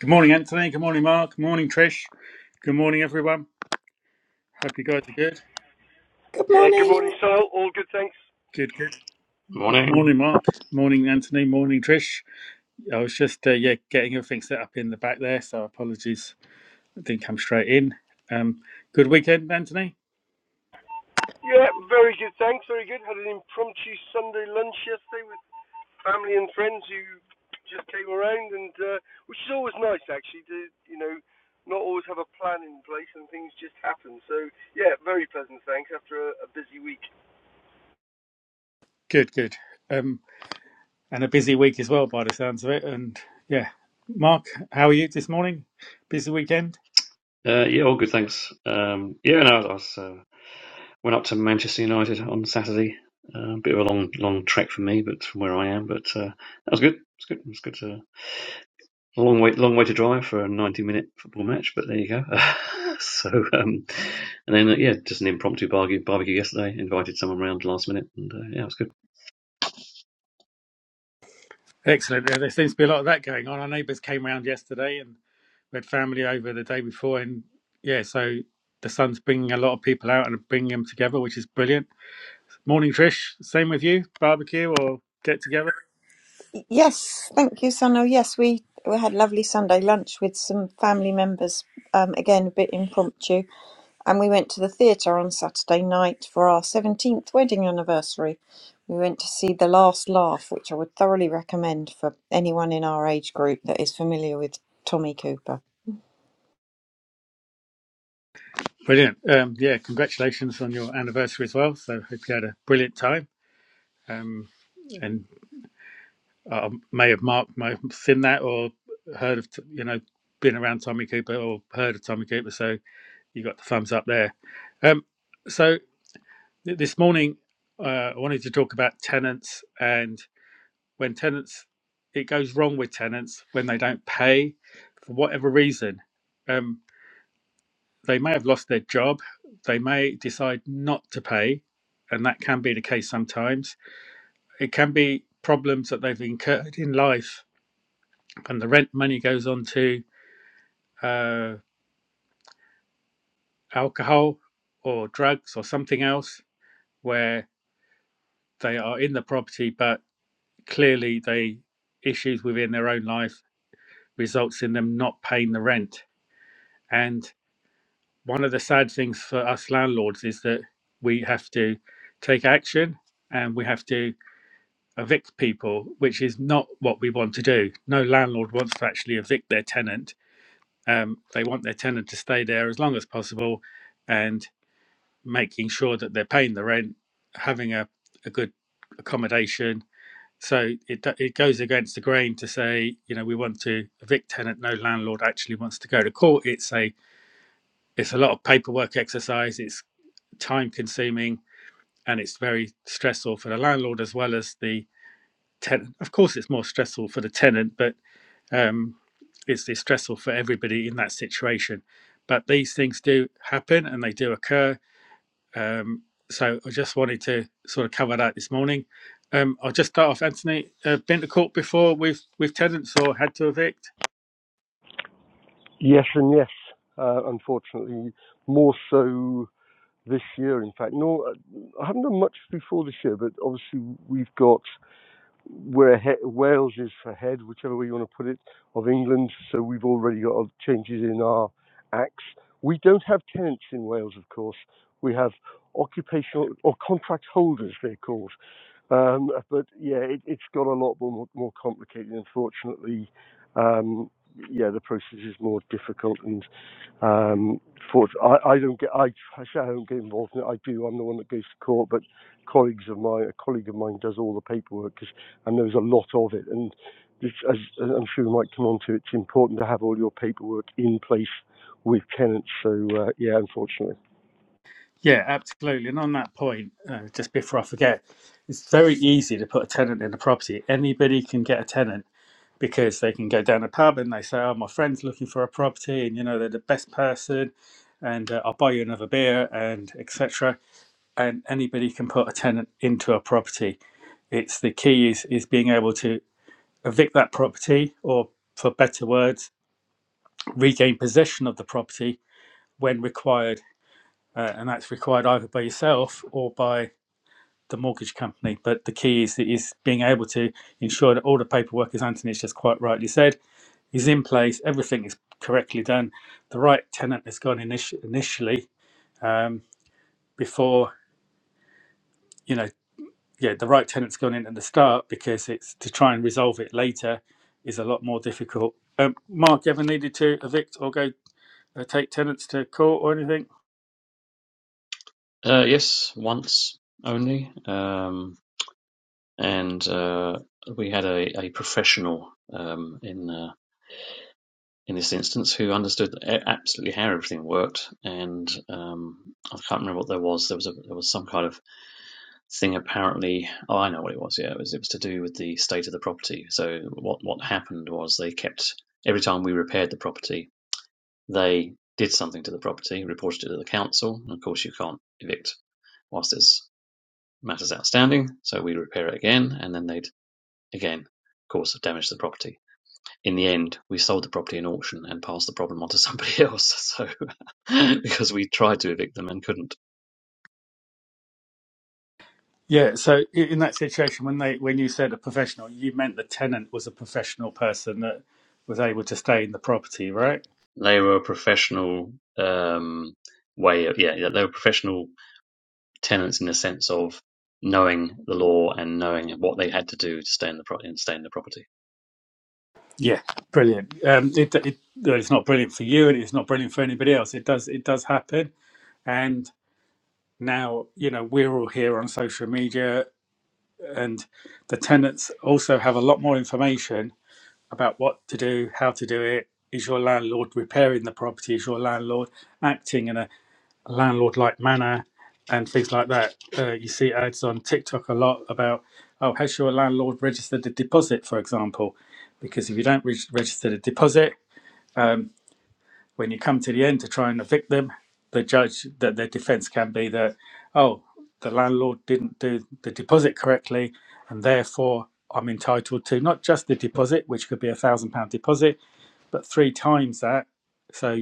Good morning, Anthony. Good morning, Mark. Good morning, Trish. Good morning, everyone. Hope you guys are good. Good Yeah, good morning, morning. Sal. All good, thanks. Good, good. Morning. Morning, Mark. Morning, Anthony. Morning, Trish. I was just, uh, yeah, getting everything set up in the back there, so apologies. I didn't come straight in. Um, good weekend, Anthony. Yeah, very good, thanks. Very good. Had an impromptu Sunday lunch yesterday with family and friends who just came around, and uh, which is always nice, actually, to you know not always have a plan in place and things just happen. So yeah, very pleasant, thanks. After a, a busy week. Good, good. Um, and a busy week as well, by the sounds of it. And yeah, Mark, how are you this morning? Busy weekend? Uh, yeah, all good, thanks. Um, yeah, no, I was, uh, went up to Manchester United on Saturday. A bit of a long, long trek for me, but from where I am, but uh, that was good. It's good. It's good. To, a long way, long way to drive for a ninety-minute football match, but there you go. so, um, and then uh, yeah, just an impromptu barbecue, barbecue yesterday. Invited someone round last minute, and uh, yeah, it was good. Excellent. Yeah, There seems to be a lot of that going on. Our neighbours came round yesterday and we had family over the day before. And yeah, so the sun's bringing a lot of people out and bringing them together, which is brilliant. Morning, Trish. Same with you, barbecue or get together? Yes, thank you, Sano. Yes, we, we had lovely Sunday lunch with some family members, um, again, a bit impromptu. And we went to the theatre on Saturday night for our 17th wedding anniversary. We went to see The Last Laugh, which I would thoroughly recommend for anyone in our age group that is familiar with Tommy Cooper. Brilliant. Um, yeah, congratulations on your anniversary as well. So hope you had a brilliant time. Um, and I may have marked, may have seen that or heard of, you know, been around Tommy Cooper or heard of Tommy Cooper. So you got the thumbs up there. Um, so This morning, uh, I wanted to talk about tenants and when tenants, it goes wrong with tenants when they don't pay for whatever reason. Um, they may have lost their job, they may decide not to pay, and that can be the case sometimes. It can be problems that they've incurred in life, and the rent money goes on to uh, alcohol or drugs or something else where they are in the property but clearly they issues within their own life results in them not paying the rent and one of the sad things for us landlords is that we have to take action and we have to evict people which is not what we want to do no landlord wants to actually evict their tenant um, they want their tenant to stay there as long as possible and making sure that they're paying the rent having a, a good accommodation So it it goes against the grain to say, you know, we want to evict tenant. No landlord actually wants to go to court. It's a it's a lot of paperwork exercise. It's time consuming and it's very stressful for the landlord as well as the tenant. Of course, it's more stressful for the tenant, but um, it's, it's stressful for everybody in that situation. But these things do happen and they do occur um, so I just wanted to sort of cover that this morning. Um, I'll just start off, Anthony. Uh, been to court before with with tenants or had to evict? Yes, and yes. Uh, unfortunately, more so this year. In fact, no, I haven't done much before this year, but obviously we've got we're ahead, Wales is ahead, whichever way you want to put it, of England. So we've already got changes in our acts. We don't have tenants in Wales, of course. We have occupational or contract holders, they're called. Um, but yeah, it, it's got a lot more, more complicated. Unfortunately, um, yeah, the process is more difficult, and um, for, I, I don't get I, I say I don't get involved in it. I do. I'm the one that goes to court, but colleagues of mine, a colleague of mine, does all the paperwork because and there's a lot of it. And this, as, as I'm sure we might come on to, it's important to have all your paperwork in place with tenants. So uh, yeah, unfortunately, Yeah, absolutely. And on that point, uh, just before I forget, it's very easy to put a tenant in a property. Anybody can get a tenant because they can go down a pub and they say, "Oh, my friend's looking for a property, and you know they're the best person." And uh, I'll buy you another beer and etc. And anybody can put a tenant into a property. It's the key is is being able to evict that property or, for better words, regain possession of the property when required. Uh, and that's required either by yourself or by the mortgage company. But the key is, is being able to ensure that all the paperwork, as Anthony's just quite rightly said, is in place, everything is correctly done, the right tenant has gone initi- initially um, before, you know, yeah, the right tenant's gone in at the start because it's to try and resolve it later is a lot more difficult. Um, Mark, you ever needed to evict or go They take tenants to court or anything? Uh, yes, once only, um, and uh, we had a, a professional um, in. Uh, in this instance who understood e- absolutely how everything worked. And um, I can't remember what there was. There was a, there was some kind of thing apparently. Oh, I know what it was. Yeah, it was it was to do with the state of the property. So what what happened was they kept every time we repaired the property, they did something to the property, reported it to the council. And of course, you can't evict whilst there's matters outstanding. So we repair it again, and then they'd again, of course, damage the property in the end, we sold the property in auction and passed the problem on to somebody else. So, because we tried to evict them and couldn't, Yeah. So i- in that situation, when they when you said a professional, you meant the tenant was a professional person that was able to stay in the property, right? they were a professional um, way of yeah, yeah, they were professional tenants in the sense of knowing the law and knowing what they had to do to stay in the pro- and stay in the property. Yeah. Brilliant. Um, it, it, well, it's not brilliant for you, and it's not brilliant for anybody else. It does it does happen, and now you know we're all here on social media, and the tenants also have a lot more information about what to do, how to do it. Is your landlord repairing the property? Is your landlord acting in a landlord like manner and things like that. Uh, you see ads on TikTok a lot about, oh, has your landlord registered a deposit, for example? Because if you don't reg- register the deposit, um, when you come to the end to try and evict them, the judge, that their defence can be that, oh, the landlord didn't do the deposit correctly, and therefore I'm entitled to not just the deposit, which could be a thousand pound deposit, but three times that. So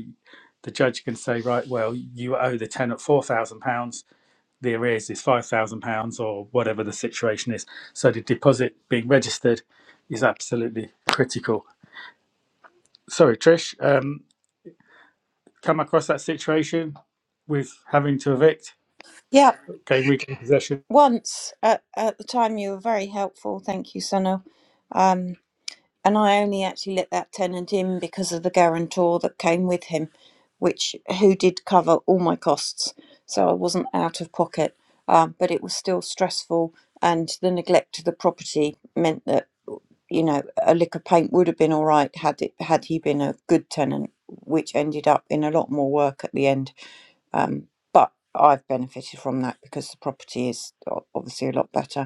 the judge can say, right, well, you owe the tenant four thousand pounds there is is five thousand pounds or whatever the situation is. So the deposit being registered is absolutely critical. Sorry, Trish, um, come across that situation with having to evict, Yeah, gain weekly possession. once at, at the time you were very helpful. Thank you, Sano. Um, and I only actually let that tenant in because of the guarantor that came with him, which who did cover all my costs, so I wasn't out of pocket. Um, but it was still stressful, and the neglect of the property meant that you know a lick of paint would have been all right had it had he been a good tenant, which ended up in a lot more work at the end. Um, but I've benefited from that because the property is o- obviously a lot better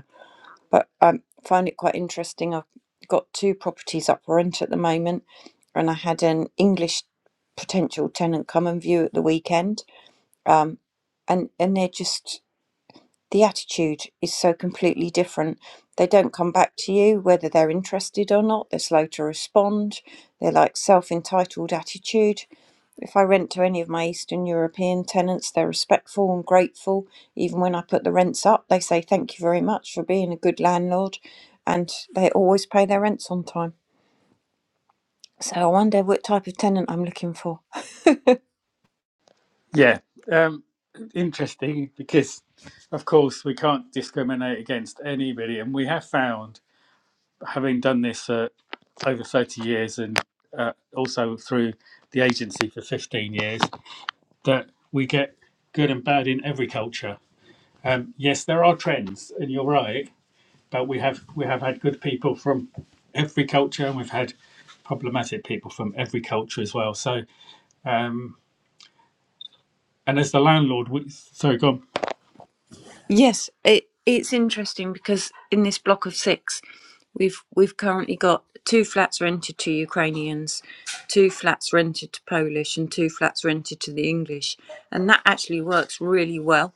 but I um, find it quite interesting. I've got two properties up for rent at the moment, and I had an English potential tenant come and view at the weekend. Um, and and they're just the attitude is so completely different. They don't come back to you whether they're interested or not. They're slow to respond. They're like self entitled attitude. If I rent to any of my Eastern European tenants, they're respectful and grateful. Even when I put the rents up, they say thank you very much for being a good landlord and they always pay their rents on time. So I wonder what type of tenant I'm looking for. Yeah, um, interesting because of course we can't discriminate against anybody, and we have found having done this uh, over thirty years and uh, also through the agency for fifteen years that we get good and bad in every culture Um, yes, there are trends, and you're right. But we have we have had good people from every culture, and we've had problematic people from every culture as well. So, um, and as the landlord, we, sorry, go on. Yes, it it's interesting because in this block of six, we've we've currently got two flats rented to Ukrainians, two flats rented to Polish, and two flats rented to the English, and that actually works really well.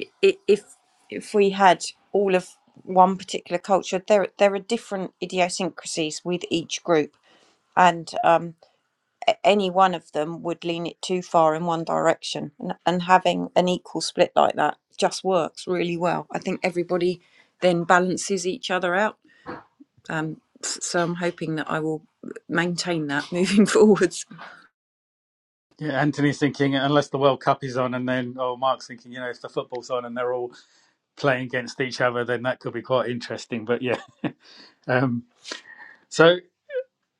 I- If if we had all of one particular culture, there there are different idiosyncrasies with each group, and um, any one of them would lean it too far in one direction and, and having an equal split like that just works really well i think everybody then balances each other out um, so i'm hoping that i will maintain that moving forwards Yeah, Anthony's thinking unless the World Cup is on, and then oh, Mark's thinking you know if the football's on and they're all playing against each other, then that could be quite interesting. But yeah, um, so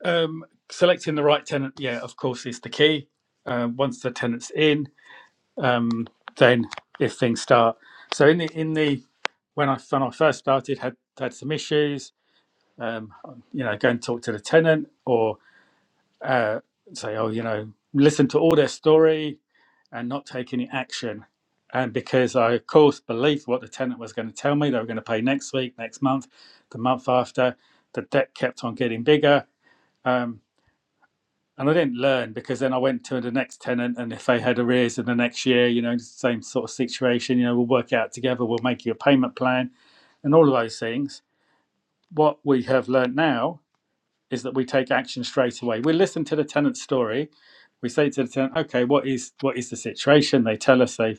um, selecting the right tenant, yeah, of course, is the key. Um, once the tenant's in, um, then if things start. So in the in the when I when I first started had had some issues. Um, you know, go and talk to the tenant or uh, say, oh, you know, listen to all their story and not take any action. And because I, of course, believed what the tenant was going to tell me, they were going to pay next week, next month, the month after. The debt kept on getting bigger. Um, and I didn't learn because then I went to the next tenant, and if they had arrears in the next year, you know, same sort of situation, you know, we'll work out together, we'll make you a payment plan, and all of those things. What we have learned now is that we take action straight away. We listen to the tenant's story. We say to the tenant, "Okay, what is what is the situation?" They tell us they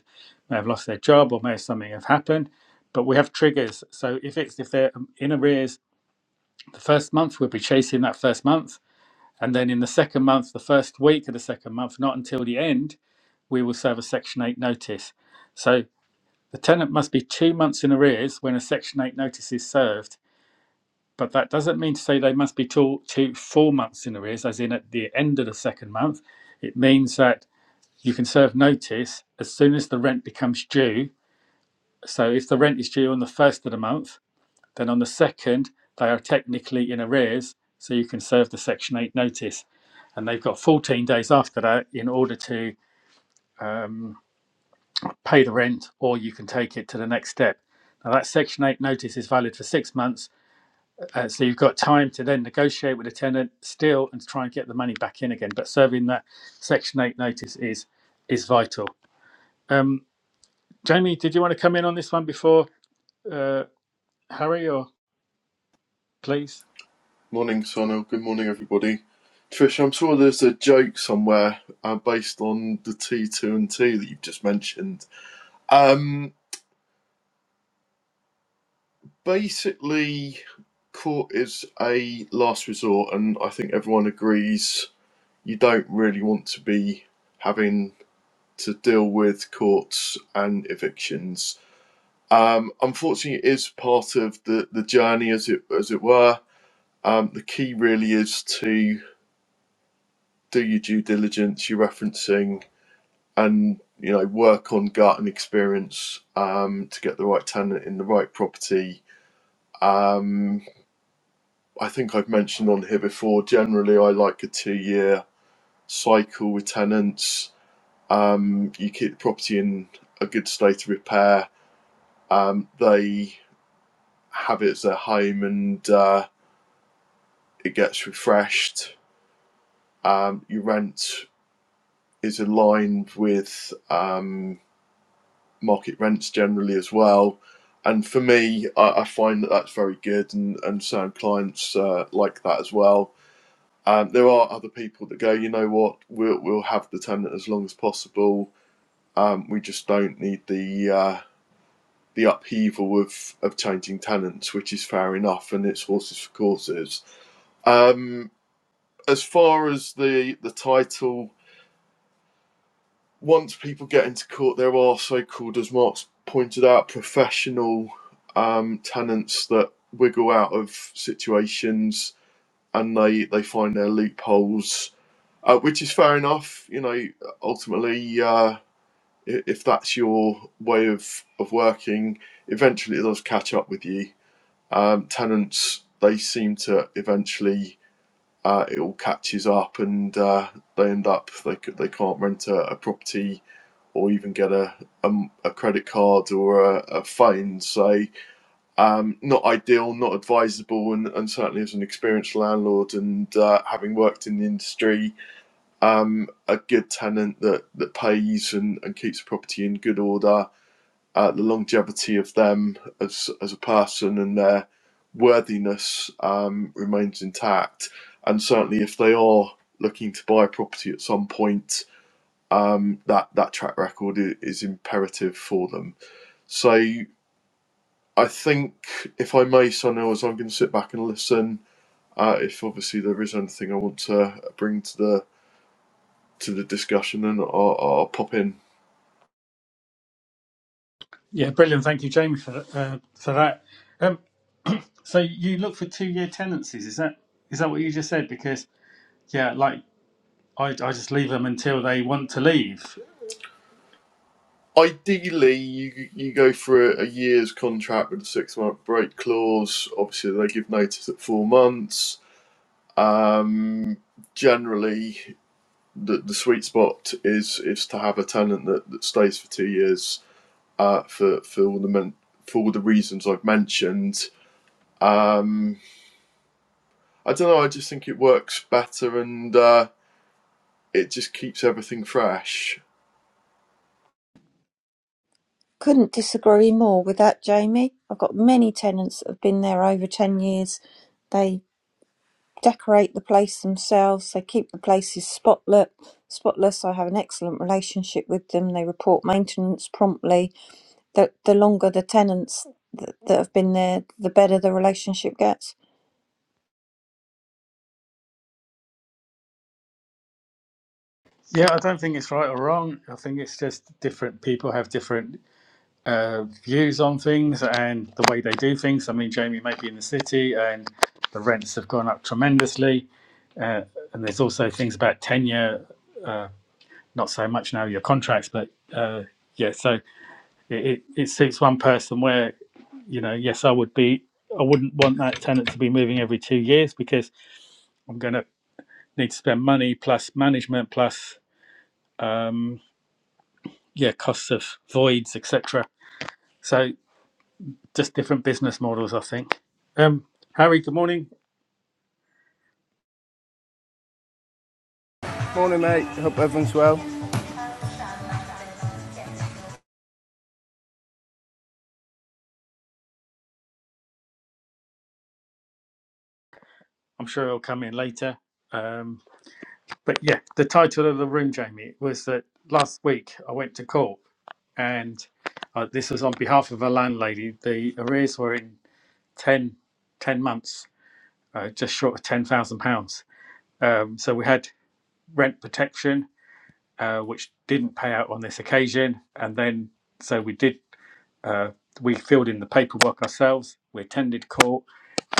may have lost their job or may have something have happened, but we have triggers. So if it's if they're in arrears the first month, we'll be chasing that first month and then in the second month, the first week of the second month, not until the end, we will serve a Section 8 notice. So the tenant must be two months in arrears when a Section 8 notice is served. But that doesn't mean to say they must be two, two four months in arrears, as in at the end of the second month. It means that you can serve notice as soon as the rent becomes due. So if the rent is due on the first of the month, then on the second, they are technically in arrears. So you can serve the Section 8 notice and they've got 14 days after that in order to um, pay the rent, or you can take it to the next step. Now, that Section 8 notice is valid for six months, uh, so you've got time to then negotiate with the tenant still and try and get the money back in again. But serving that Section 8 notice is is vital. Um, Jamie, did you want to come in on this one before uh, Harry, or please? Morning, Sonal. Good morning, everybody. Trish, I'm sure there's a joke somewhere uh, based on the T2 and T that you've just mentioned. Um, basically, court is a last resort, and I think everyone agrees you don't really want to be having to deal with courts and evictions. Um, unfortunately, it is part of the, the journey, as it as it were. Um, the key really is to do your due diligence. You're referencing and you know work on gut and experience um, to get the right tenant in the right property. Um, I think I've mentioned on here before. Generally, I like a two-year cycle with tenants. Um, you keep the property in a good state of repair. Um, they have it as their home, and uh, it gets refreshed. Um, your rent is aligned with. Um, market rents generally as well. And for me, I, I find that that's very good, and, and certain clients uh, like that as well. Um, there are other people that go, you know what, we'll, we'll have the tenant as long as possible. Um, we just don't need the uh, the upheaval of, of changing tenants, which is fair enough, and it's horses for courses. Um, as far as the, the title once people get into court, there are so-called, as Mark's pointed out, professional um, tenants that wiggle out of situations and they they find their loopholes, uh, which is fair enough. You know, ultimately, uh, if that's your way of of working, eventually it does catch up with you. Um, tenants they seem to eventually. Uh, it all catches up, and uh, they end up they they can't rent a, a property or even get a a, a credit card or a, a phone. So um, not ideal, not advisable, and, and certainly as an experienced landlord and uh, having worked in the industry, um, a good tenant that, that pays and, and keeps the property in good order, uh, the longevity of them as as a person and their worthiness um, remains intact. And certainly if they are looking to buy a property at some point, um, that that track record is imperative for them. So I think, if I may, Sonils, I'm going to sit back and listen. Uh, if obviously there is anything I want to bring to the to the discussion, and I'll, I'll pop in. Yeah, brilliant. Thank you, Jamie, for that- uh, for that. Um, so you look for two year tenancies. Is that is that what you just said? Because yeah, like I, I just leave them until they want to leave. Ideally, you you go for a, a year's contract with a six month break clause. Obviously, they give notice at four months. Um, generally, the, the sweet spot is is to have a tenant that, that stays for two years uh, for for all the men- for all the reasons I've mentioned. Um, I don't know. I just think it works better, and uh, it just keeps everything fresh. Couldn't disagree more with that, Jamie. I've got many tenants that have been there over 10 years. They decorate the place themselves, they keep the places spotless. Spotless, I have an excellent relationship with them. They report maintenance promptly. the the longer the tenants that, that have been there, the better the relationship gets. Yeah, I don't think it's right or wrong. I think it's just different people have different uh, views on things and the way they do things. I mean, Jamie may be in the city and the rents have gone up tremendously. Uh, and there's also things about tenure, not so much now your contracts, but uh, yeah, so it, it, it suits one person where, you know, yes, I would be, I wouldn't want that tenant to be moving every two years because I'm going to need to spend money plus management plus um, yeah costs of voids etc so just different business models i think um harry good morning Morning, mate. Hope everyone's well. i'm sure he'll come in later um but yeah the title of the room jamie was that last week i went to court and uh, this was on behalf of a landlady the arrears were in 10, 10 months uh, just short of 10,000 pounds um so we had rent protection uh, which didn't pay out on this occasion and then so we did Uh, we filled in the paperwork ourselves. We attended court,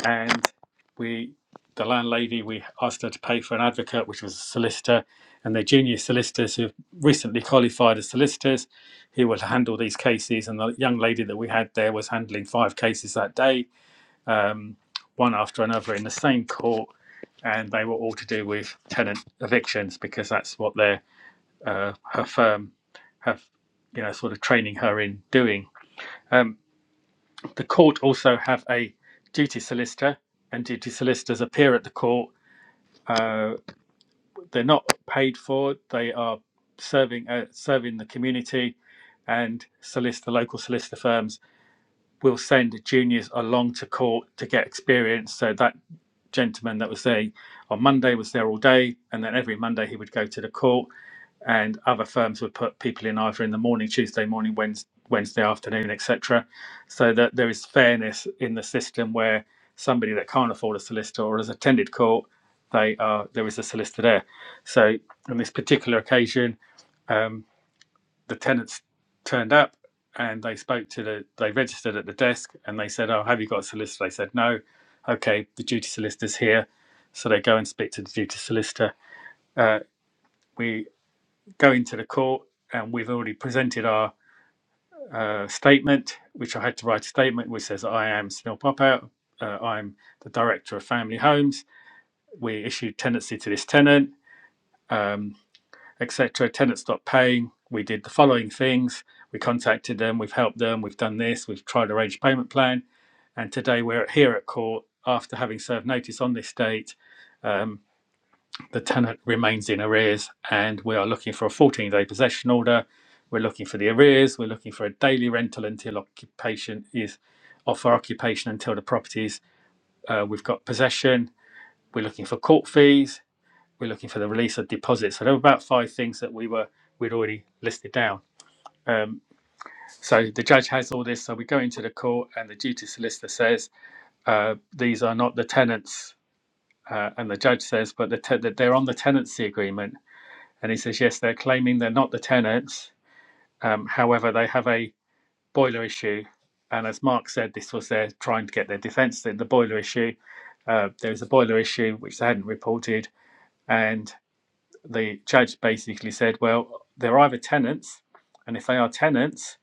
and we, the landlady, we asked her to pay for an advocate, which was a solicitor, and the junior solicitors who recently qualified as solicitors, who would handle these cases. And the young lady that we had there was handling five cases that day, um, one after another in the same court. And they were all to do with tenant evictions because that's what their uh, her firm have, you know, sort of training her in doing. Um, the court also have a duty solicitor, and duty solicitors appear at the court. Uh, they're not paid for; they are serving uh, serving the community, and solicitor local solicitor firms will send juniors along to court to get experience. So that gentleman that was there on Monday was there all day, and then every Monday he would go to the court and other firms would put people in either in the morning, Tuesday morning, Wednesday, Wednesday afternoon, etc., so that there is fairness in the system where somebody that can't afford a solicitor or has attended court, they are there is a solicitor there. So on this particular occasion, um, the tenants turned up and they spoke to the they registered at the desk and they said, "Oh, have you got a solicitor?" They said, "No." Okay, the duty solicitor's here, so they go and speak to the duty solicitor. Uh, we going to the court, and we've already presented our uh, statement, which I had to write a statement which says, I am Sunil Popout, uh, I'm the director of family homes. We issued tenancy to this tenant, um, etc. Tenant stopped paying. We did the following things. We contacted them, we've helped them, we've done this, we've tried to arrange a payment plan. And today we're here at court after having served notice on this date. um, the tenant remains in arrears and we are looking for a 14 day possession order. We're looking for the arrears. We're looking for a daily rental until occupation is off for occupation until the property is. Uh, we've got possession. We're looking for court fees. We're looking for the release of deposits. So there were about five things that we were we'd already listed down. Um, so the judge has all this. So we go into the court and the duty solicitor says uh, these are not the tenants, uh, and the judge says, but the te- that they're on the tenancy agreement And he says, yes, they're claiming they're not the tenants. Um, however, they have a boiler issue. And as Mark said, this was their trying to get their defence in the boiler issue. Uh, there was a boiler issue which they hadn't reported. And the judge basically said, well, they're either tenants. And if they are tenants,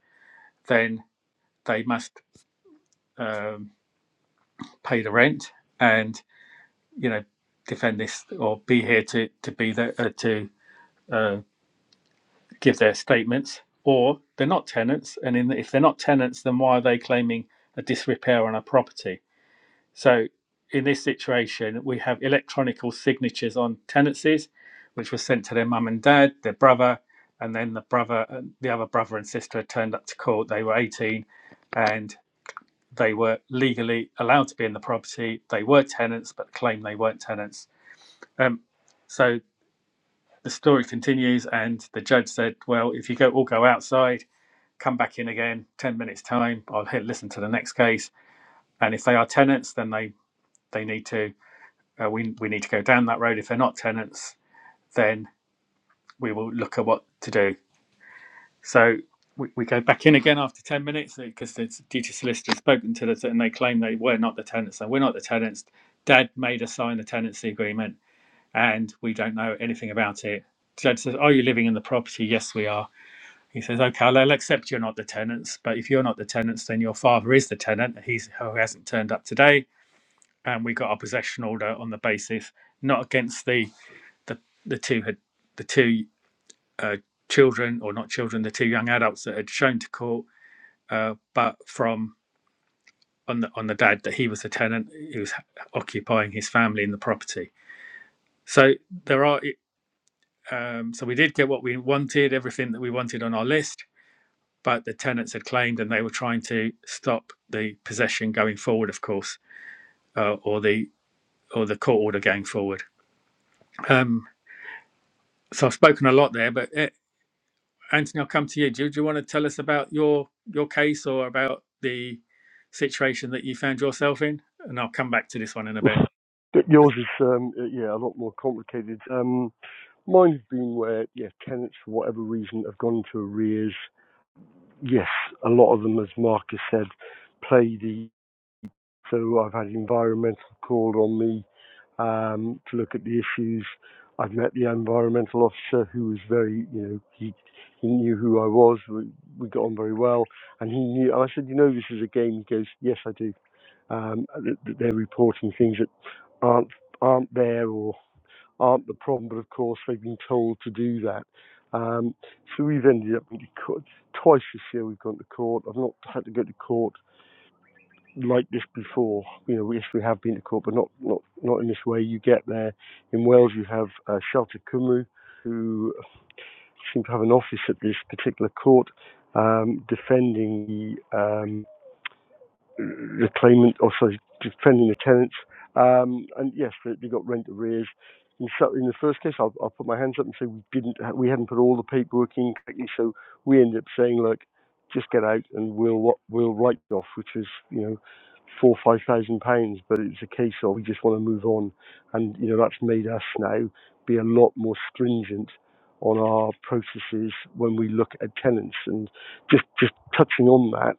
then they must um, pay the rent and, you know, defend this or be here to, to be there, uh, to uh, give their statements, or they're not tenants. And in, if they're not tenants, then why are they claiming a disrepair on a property? So in this situation, we have electronical signatures on tenancies, which were sent to their mum and dad, their brother, and then the brother, and the other brother and sister had turned up to court. They were 18 and they were legally allowed to be in the property. They were tenants, but claimed they weren't tenants. Um, so the story continues, and the judge said, Well, if you go all go outside, come back in again 10 minutes time i'll hit listen to the next case and if they are tenants then they they need to uh, we, we need to go down that road if they're not tenants then we will look at what to do so we, we go back in again after 10 minutes because the duty solicitor has spoken to us and they claim they were not the tenants and we're not the tenants dad made us sign the tenancy agreement and we don't know anything about it Dad says are you living in the property yes we are He says, okay, I'll accept you're not the tenants, but if you're not the tenants, then your father is the tenant. He's who hasn't turned up today, and we got our possession order on the basis not against the the, the two had the two uh, children or not children, the two young adults that had shown to court, uh, but from on the on the dad that he was the tenant, he was occupying his family in the property. So there are um, so we did get what we wanted, everything that we wanted on our list but the tenants had claimed and they were trying to stop the possession going forward, of course, uh, or the or the court order going forward. Um, so I've spoken a lot there, but eh, Anthony, I'll come to you. Do, you- do you want to tell us about your your case or about the situation that you found yourself in? And I'll come back to this one in a bit. but yours is um, uh, yeah a lot more complicated. Um, mine has been where yeah tenants for whatever reason have gone into arrears. Yes, a lot of them, as Marcus said, play the So I've had environmental called on me um, to look at the issues. I've met the environmental officer who was very, you know, he, he knew who I was. We, we got on very well. And he knew, and I said, you know, this is a game. He goes, yes, I do. Um, that, that they're reporting things that aren't, aren't there or aren't the problem, but of course they've been told to do that. Um, so we've ended up in court twice this year. We've gone to court. I've not had to go to court like this before. You know, yes, we have been to court, but not, not, not in this way. You get there. In Wales, you have uh, Shelter Cymru, who seem to have an office at this particular court um, defending the um, the claimant, or sorry, defending the tenants. Um, and yes, they, got rent arrears. In, so, in the first case, I'll, I'll put my hands up and say we didn't, we hadn't put all the paperwork in correctly, so we ended up saying, look, just get out and we'll we'll write it off, which is you know four or five thousand pounds. But it's a case of we just want to move on, and you know that's made us now be a lot more stringent on our processes when we look at tenants. And just just touching on that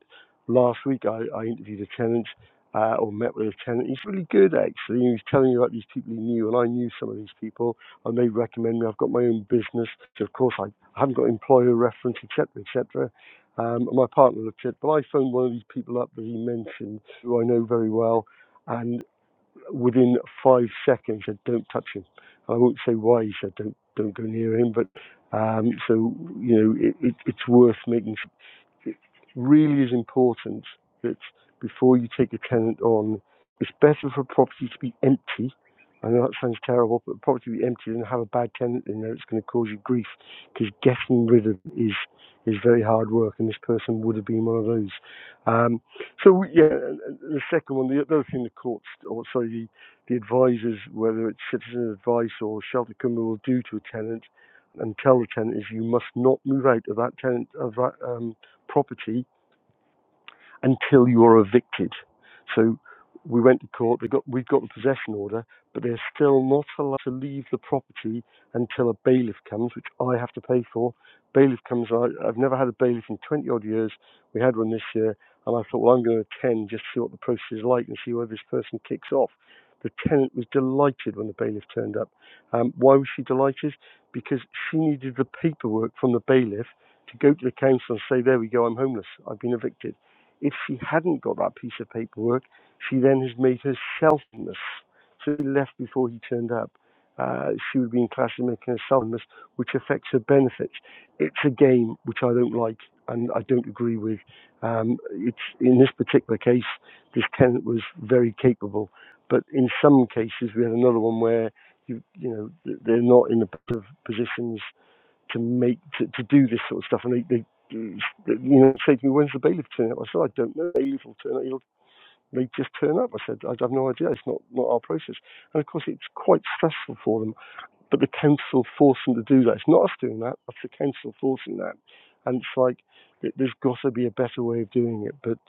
last week I, I interviewed a tenant uh, or met with a tenant. He's really good actually. He was telling me about these people he knew, and I knew some of these people, and they recommend me. I've got my own business, so of course I, haven't got employer reference, etc., etc. Um, and my partner looked at, it, but I phoned one of these people up that he mentioned, who I know very well, and within five seconds said, "Don't touch him." And I won't say why he said, "Don't don't go near him," but um, so you know, it, it, it's worth making it really is important that before you take a tenant on, it's better for a property to be empty. I know that sounds terrible, but a property to be empty and have a bad tenant in there, it's going to cause you grief because getting rid of it is is very hard work, and this person would have been one of those. Um, so yeah, the second one, the other thing the courts, or sorry, the, the advisors, whether it's citizen advice or shelter company, will do to a tenant and tell the tenant is you must not move out of that tenant of that. Um, property until you're evicted. So we went to court. We got we got a possession order, but they're still not allowed to leave the property until a bailiff comes, which I have to pay for. Bailiff comes. I, I've never had a bailiff in 20 odd years. We had one this year, and I thought, well, I'm going to attend just to see what the process is like and see whether this person kicks off. The tenant was delighted when the bailiff turned up. Um, why was she delighted? Because she needed the paperwork from the bailiff to go to the council and say, there we go, I'm homeless, I've been evicted. If she hadn't got that piece of paperwork, she then has made herself miss. So he left before he turned up. Uh, she would be in class and making herself miss, which affects her benefits. It's a game which I don't like and I don't agree with. Um, it's in this particular case, this tenant was very capable, but in some cases we had another one where you you know they're not in the positions to make to, to do this sort of stuff. And they, they you know say to me, "When's the bailiff turning up?" I said, "I don't know. Bailiff will turn up. He'll, they just turn up." I said, "I have no idea. It's not not our process." And of course, it's quite stressful for them. But the council forced them to do that. It's not us doing that. It's the council forcing that. And it's like there's got to be a better way of doing it. But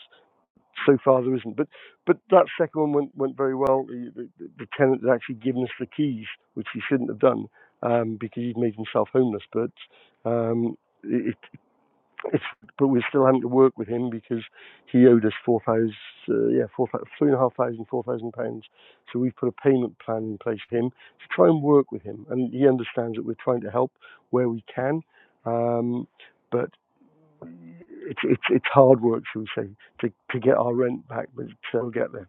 so far there isn't. But but that second one went went very well. The, the, the tenant had actually given us the keys, which he shouldn't have done um, because he'd made himself homeless. But um, it, it's but we're still having to work with him because he owed us four thousand uh, yeah four thou- three and a half thousand four thousand pounds. So we've put a payment plan in place for him to try and work with him, and he understands that we're trying to help where we can. Um, but it's it's it's hard work, shall we say, to to get our rent back, but uh, we'll get there.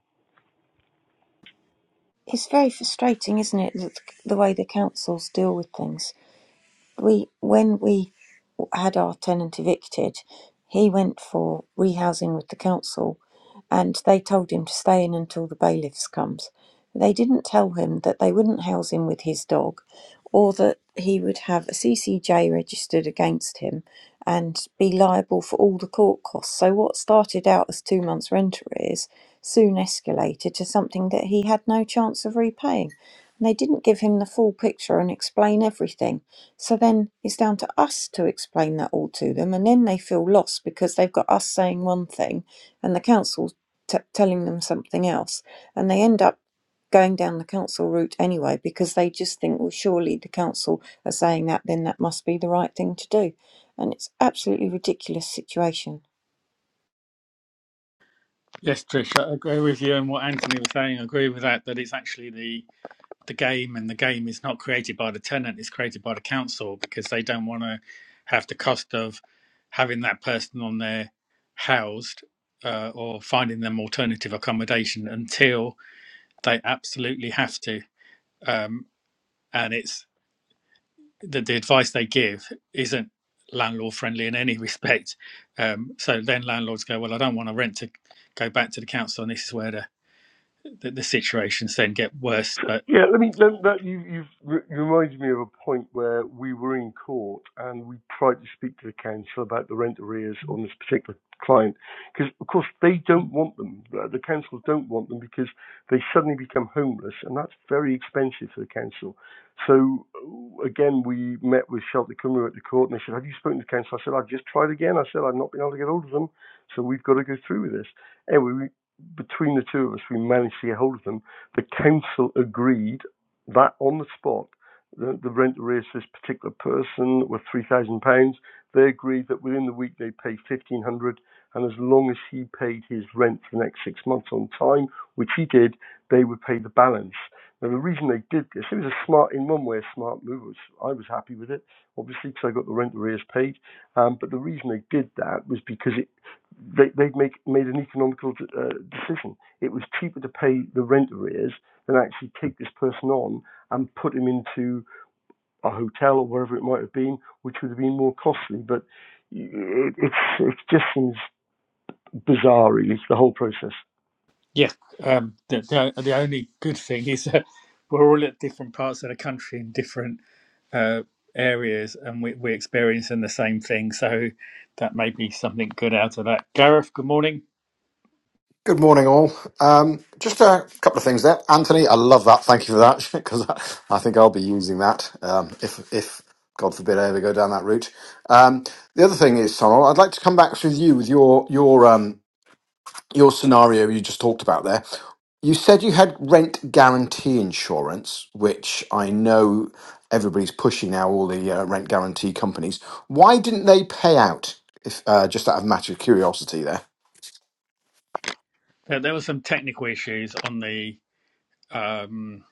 It's very frustrating, isn't it, the, the way the councils deal with things. we when we had our tenant evicted, he went for rehousing with the council, and they told him to stay in until the bailiffs comes. They didn't tell him that they wouldn't house him with his dog, or that he would have a CCJ registered against him and be liable for all the court costs. So what started out as two months' rent arrears soon escalated to something that he had no chance of repaying. And they didn't give him the full picture and explain everything so then it's down to us to explain that all to them, and then they feel lost because they've got us saying one thing and the council t- telling them something else, and they end up going down the council route anyway because they just think, well, surely the council are saying that, then that must be the right thing to do, and it's absolutely ridiculous situation. Yes, Trish, I agree with you and what Anthony was saying. I agree with that. That it's actually the the game and the game is not created by the tenant it's created by the council because they don't want to have the cost of having that person on there housed uh, or finding them alternative accommodation until they absolutely have to um, and it's the, the advice they give isn't landlord friendly in any respect um, so then landlords go well i don't want to rent to go back to the council and this is where the, the, the situations then get worse but Yeah, let me. Let, that you, you've re- reminded me of a point where we were in court and we tried to speak to the council about the rent arrears on this particular client because, of course, they don't want them. Uh, The council don't want them because they suddenly become homeless and that's very expensive for the council. So uh, again, we met with Shelter Cymru at the court and they said, "Have you spoken to the council?" I said, "I've just tried again." I said, "I've not been able to get hold of them, so we've got to go through with this." Anyway, we, between the two of us, we managed to get hold of them the council agreed that on the spot, the, the rent arrears for this particular person were three thousand pounds. They agreed that within the week they pay fifteen hundred, pounds, and as long as he paid his rent for the next six months on time, which he did, they would pay the balance. Now the reason they did this, it was a smart, in one way, a smart move. was, I was happy with it, obviously, because I got the rent arrears paid. Um, but the reason they did that was because it, they they make made an economical uh, decision it was cheaper to pay the rent arrears than actually take this person on and put him into a hotel or wherever it might have been, which would have been more costly. But it, it's, it just seems bizarre, really, the whole process. Yeah, um, the, the the only good thing is that we're all at different parts of the country in different uh, areas, and we, we're experiencing the same thing. So that may be something good out of that. Gareth, good morning. Good morning, all. Um, just a couple of things there, Anthony. I love that. Thank you for that because I think I'll be using that um, if, if God forbid, I ever go down that route. Um, the other thing is, Sonal, I'd like to come back with you with your your um, your scenario you just talked about there. You said you had rent guarantee insurance, which I know everybody's pushing now. All the uh, rent guarantee companies. Why didn't they pay out? If uh, just out of matter of curiosity, there. Uh, there were some technical issues on the um,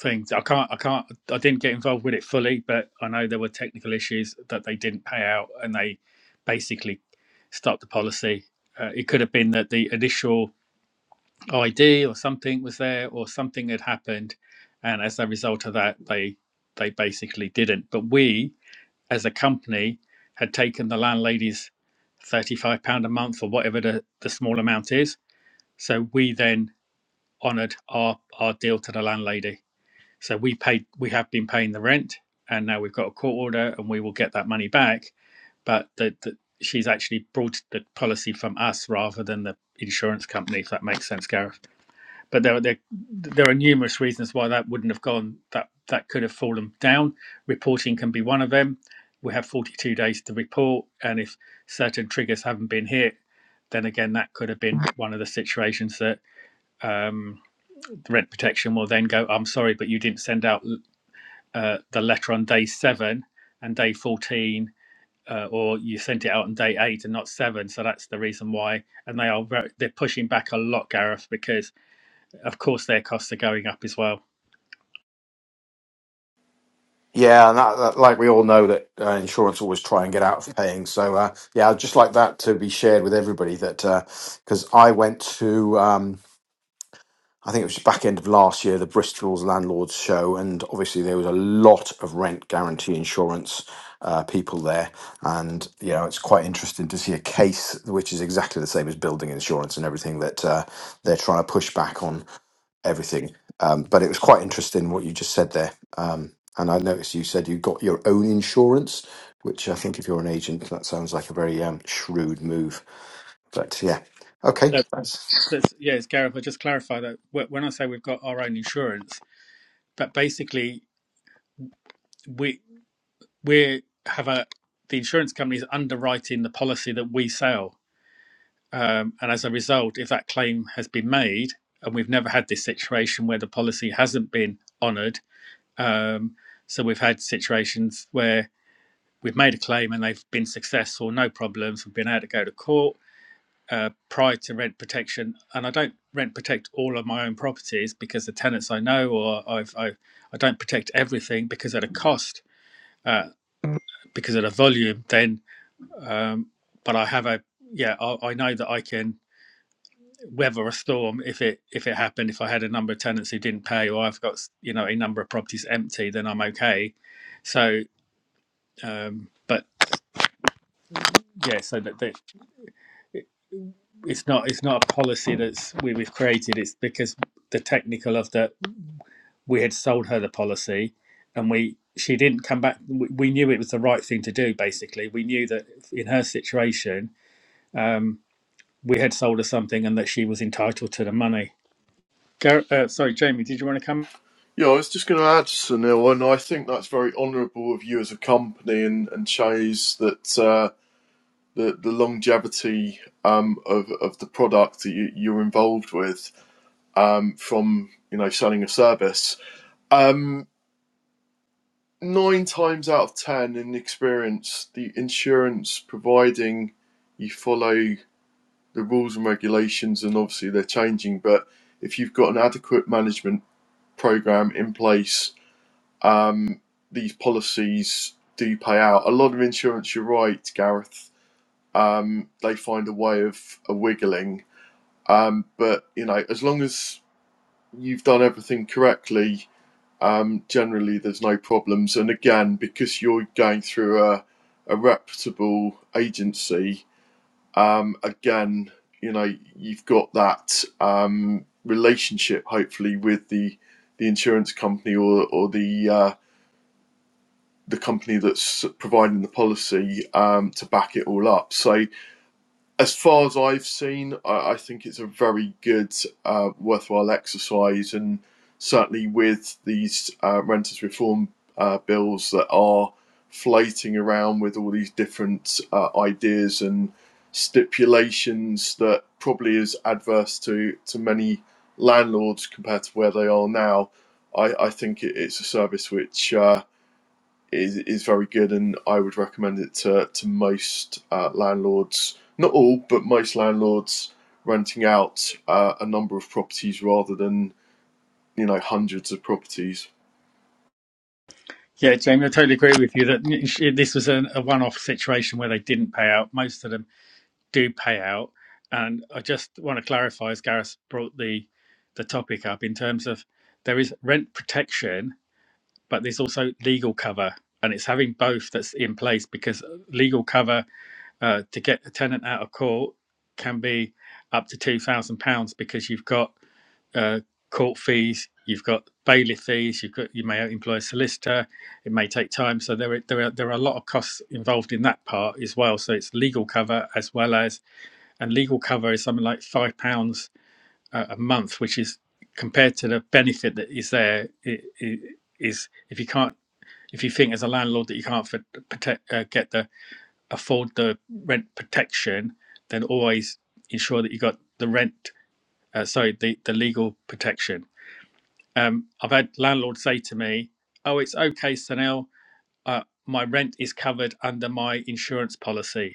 things. I can't, I can't, I didn't get involved with it fully, but I know there were technical issues that they didn't pay out, and they basically stopped the policy. Uh, it could have been that the initial ID or something was there or something had happened, and as a result of that, they they basically didn't. But we, as a company, had taken the landlady's thirty five pound a month or whatever the, the small amount is. So we then honoured our our deal to the landlady. So we paid we have been paying the rent, and now we've got a court order, and we will get that money back. But the, the, she's actually brought the policy from us rather than the insurance company. If that makes sense, Gareth but there, are- there there are numerous reasons why that wouldn't have gone that that could have fallen down reporting can be one of them we have 42 days to report and if certain triggers haven't been hit then again that could have been one of the situations that um, the rent protection will then go i'm sorry but you didn't send out uh, the letter on day 7 and day 14 uh, or you sent it out on day 8 and not 7 so that's the reason why and they are very, they're pushing back a lot gareth because of course, their costs are going up as well. Yeah, and that, that, like we all know that uh, insurance always try and get out of paying. So uh, yeah, I'd just like that to be shared with everybody that because I went to um, I think it was back end of last year the Bristol's landlords show, and obviously there was a lot of rent guarantee insurance uh, people there, and you know it's quite interesting to see a case which is exactly the same as building insurance and everything that uh, they're trying to push back on everything. Um, but it was quite interesting what you just said there. Um, and I noticed you said you got your own insurance, which I think if you're an agent, that sounds like a very um, shrewd move. But yeah, okay, So That's let's, yeah, Gareth. I'll just clarify that when I say we've got our own insurance, but basically we we have a the insurance company is underwriting the policy that we sell, um, and as a result, if that claim has been made, and we've never had this situation where the policy hasn't been honoured, um, so we've had situations where we've made a claim and they've been successful, no problems, we've been able to go to court uh, prior to rent protection, and I don't rent protect all of my own properties because the tenants I know, or I've, I, I don't protect everything because at a cost, uh, because at a volume. Then, um, but I have a yeah, I, I know that I can weather a storm if it if it happened. If I had a number of tenants who didn't pay, or I've got you know a number of properties empty, then I'm okay. So, um, but yeah, so that, that it's not it's not a policy that's we, we've created. It's because the technical of the we had sold her the policy and we she didn't come back we knew it was the right thing to do basically we knew that in her situation um, we had sold her something and that she was entitled to the money Gar- uh, sorry jamie did you want to come Yeah, I was just going to add, Sunil, and I think that's very honourable of you as a company, and, and shows that uh, the the longevity um, of of the product that you, you're involved with um, from you know selling a service. Um, nine times out of ten in experience, the insurance providing you follow the rules and regulations, and obviously they're changing, but if you've got an adequate management program in place, um, these policies do pay out. A lot of insurance, you're right, Gareth, um, they find a way of a wiggling. Um, but you know, as long as you've done everything correctly, um, generally there's no problems. And again, because you're going through a, a reputable agency, um, again, you know, you've got that um, relationship hopefully with the the insurance company or or the uh, the company that's providing the policy um, to back it all up. So as far as I've seen, I, I think it's a very good, uh, worthwhile exercise, and certainly with these uh, renters reform uh, bills that are floating around with all these different uh, ideas and stipulations that probably is adverse to to many landlords compared to where they are now. I, I think it, it's a service which. Uh, is is very good, and I would recommend it to to most uh, landlords. Not all, but most landlords renting out uh, a number of properties rather than you know hundreds of properties. yeah jamie i totally agree with you that this was an, a one-off situation where they didn't pay out most of them do pay out and i just want to clarify as gareth brought the the topic up in terms of there is rent protection but there's also legal cover. And it's having both that's in place because legal cover uh, to get a tenant out of court can be up to £2,000 because you've got uh, court fees, you've got bailiff fees, you've got, you may employ a solicitor, it may take time. So there, are- there, are, there are a lot of costs involved in that part as well. So it's legal cover as well as, and legal cover is something like £5 a a month, which is compared to the benefit that is there, it, it is if you can't if you think as a landlord that you can't for, protect, uh, get the afford the rent protection, then always ensure that you got the rent. Uh, sorry, the the legal protection. Um, I've had landlords say to me, "Oh, it's okay, Sunil. Uh, my rent is covered under my insurance policy."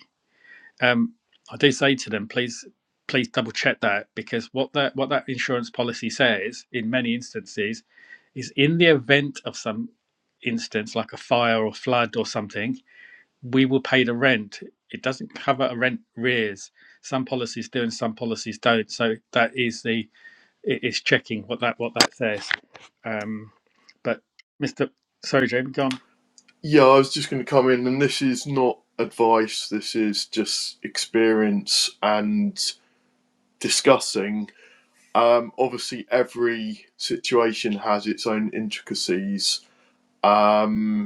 Um, I do say to them, please please double check that because what that what that insurance policy says in many instances is in the event of some instance like a fire or flood or something we will pay the rent. It doesn't cover a rent arrears. Some policies do and some policies don't. So that is the it is checking what that what that says. Um, but Mr. Sorry, Jamie, go on. Yeah, I was just going to come in, and this is not advice. This is just experience and discussing. Um, obviously, every situation has its own intricacies. Um,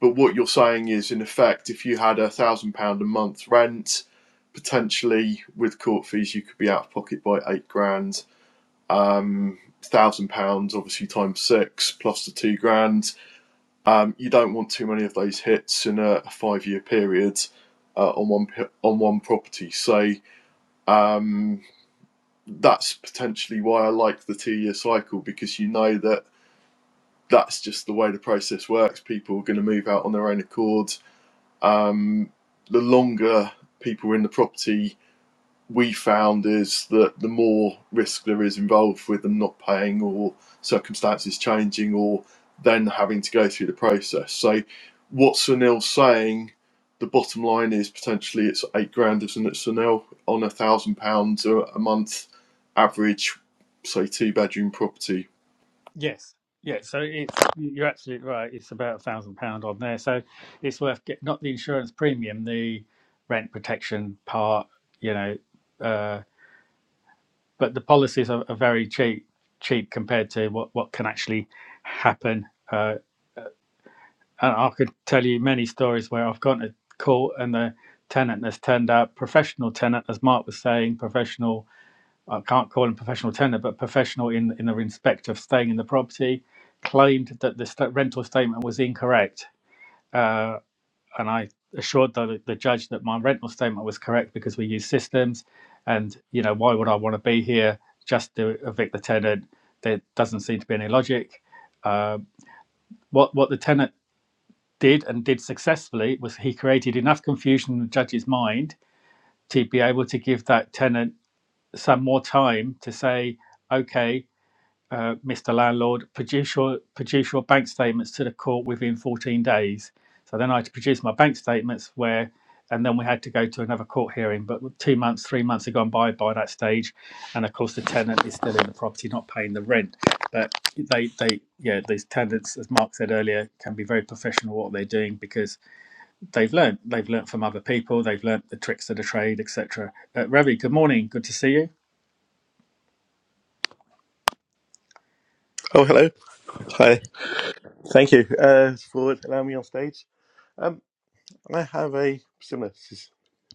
But what you're saying is, in effect, if you had a thousand pound a month rent, potentially with court fees, you could be out of pocket by eight grand. Um, thousand pounds, obviously times six plus the two grand. Um, you don't want too many of those hits in a, a five-year period uh, on one on one property. So um, that's potentially why I like the two-year cycle because you know that that's just the way the process works. People are going to move out on their own accord Um, the longer people were in the property, we found is that the more risk there is involved with them not paying or circumstances changing or then having to go through the process. So, what Sunil's saying, the bottom line is potentially it's eight grand, isn't it, Sunil, on a thousand pounds a month average, say, two bedroom property. Yes, yeah. So it's you're absolutely right. It's about a thousand pound on there. So it's worth get, not the insurance premium, the rent protection part. You know, uh, but the policies are, are very cheap cheap compared to what what can actually happen. Uh, and I could tell you many stories where I've gone to court and the tenant has turned out professional tenant, as Mark was saying, professional. I can't call him professional tenant, but professional in in the respect of staying in the property, claimed that the sta rental statement was incorrect, uh, and I assured the, the judge that my rental statement was correct because we use systems, and you know why would I want to be here just to evict the tenant? There doesn't seem to be any logic. Uh, what what the tenant did and did successfully was he created enough confusion in the judge's mind to be able to give that tenant some more time to say, okay, uh, Mr. Landlord, produce your produce your bank statements to the court within 14 days. So then I had to produce my bank statements where, and then we had to go to another court hearing. But two months, three months had gone by by that stage, and of course the tenant is still in the property, not paying the rent. But they, they, yeah, these tenants, as Mark said earlier, can be very professional what they're doing because they've learned. They've learned from other people. They've learned the tricks of the trade, etc. Uh, Ravi, good morning. Good to see you. Oh, hello. Hi. Thank you uh, for allowing me on stage. Um, I have a similar s-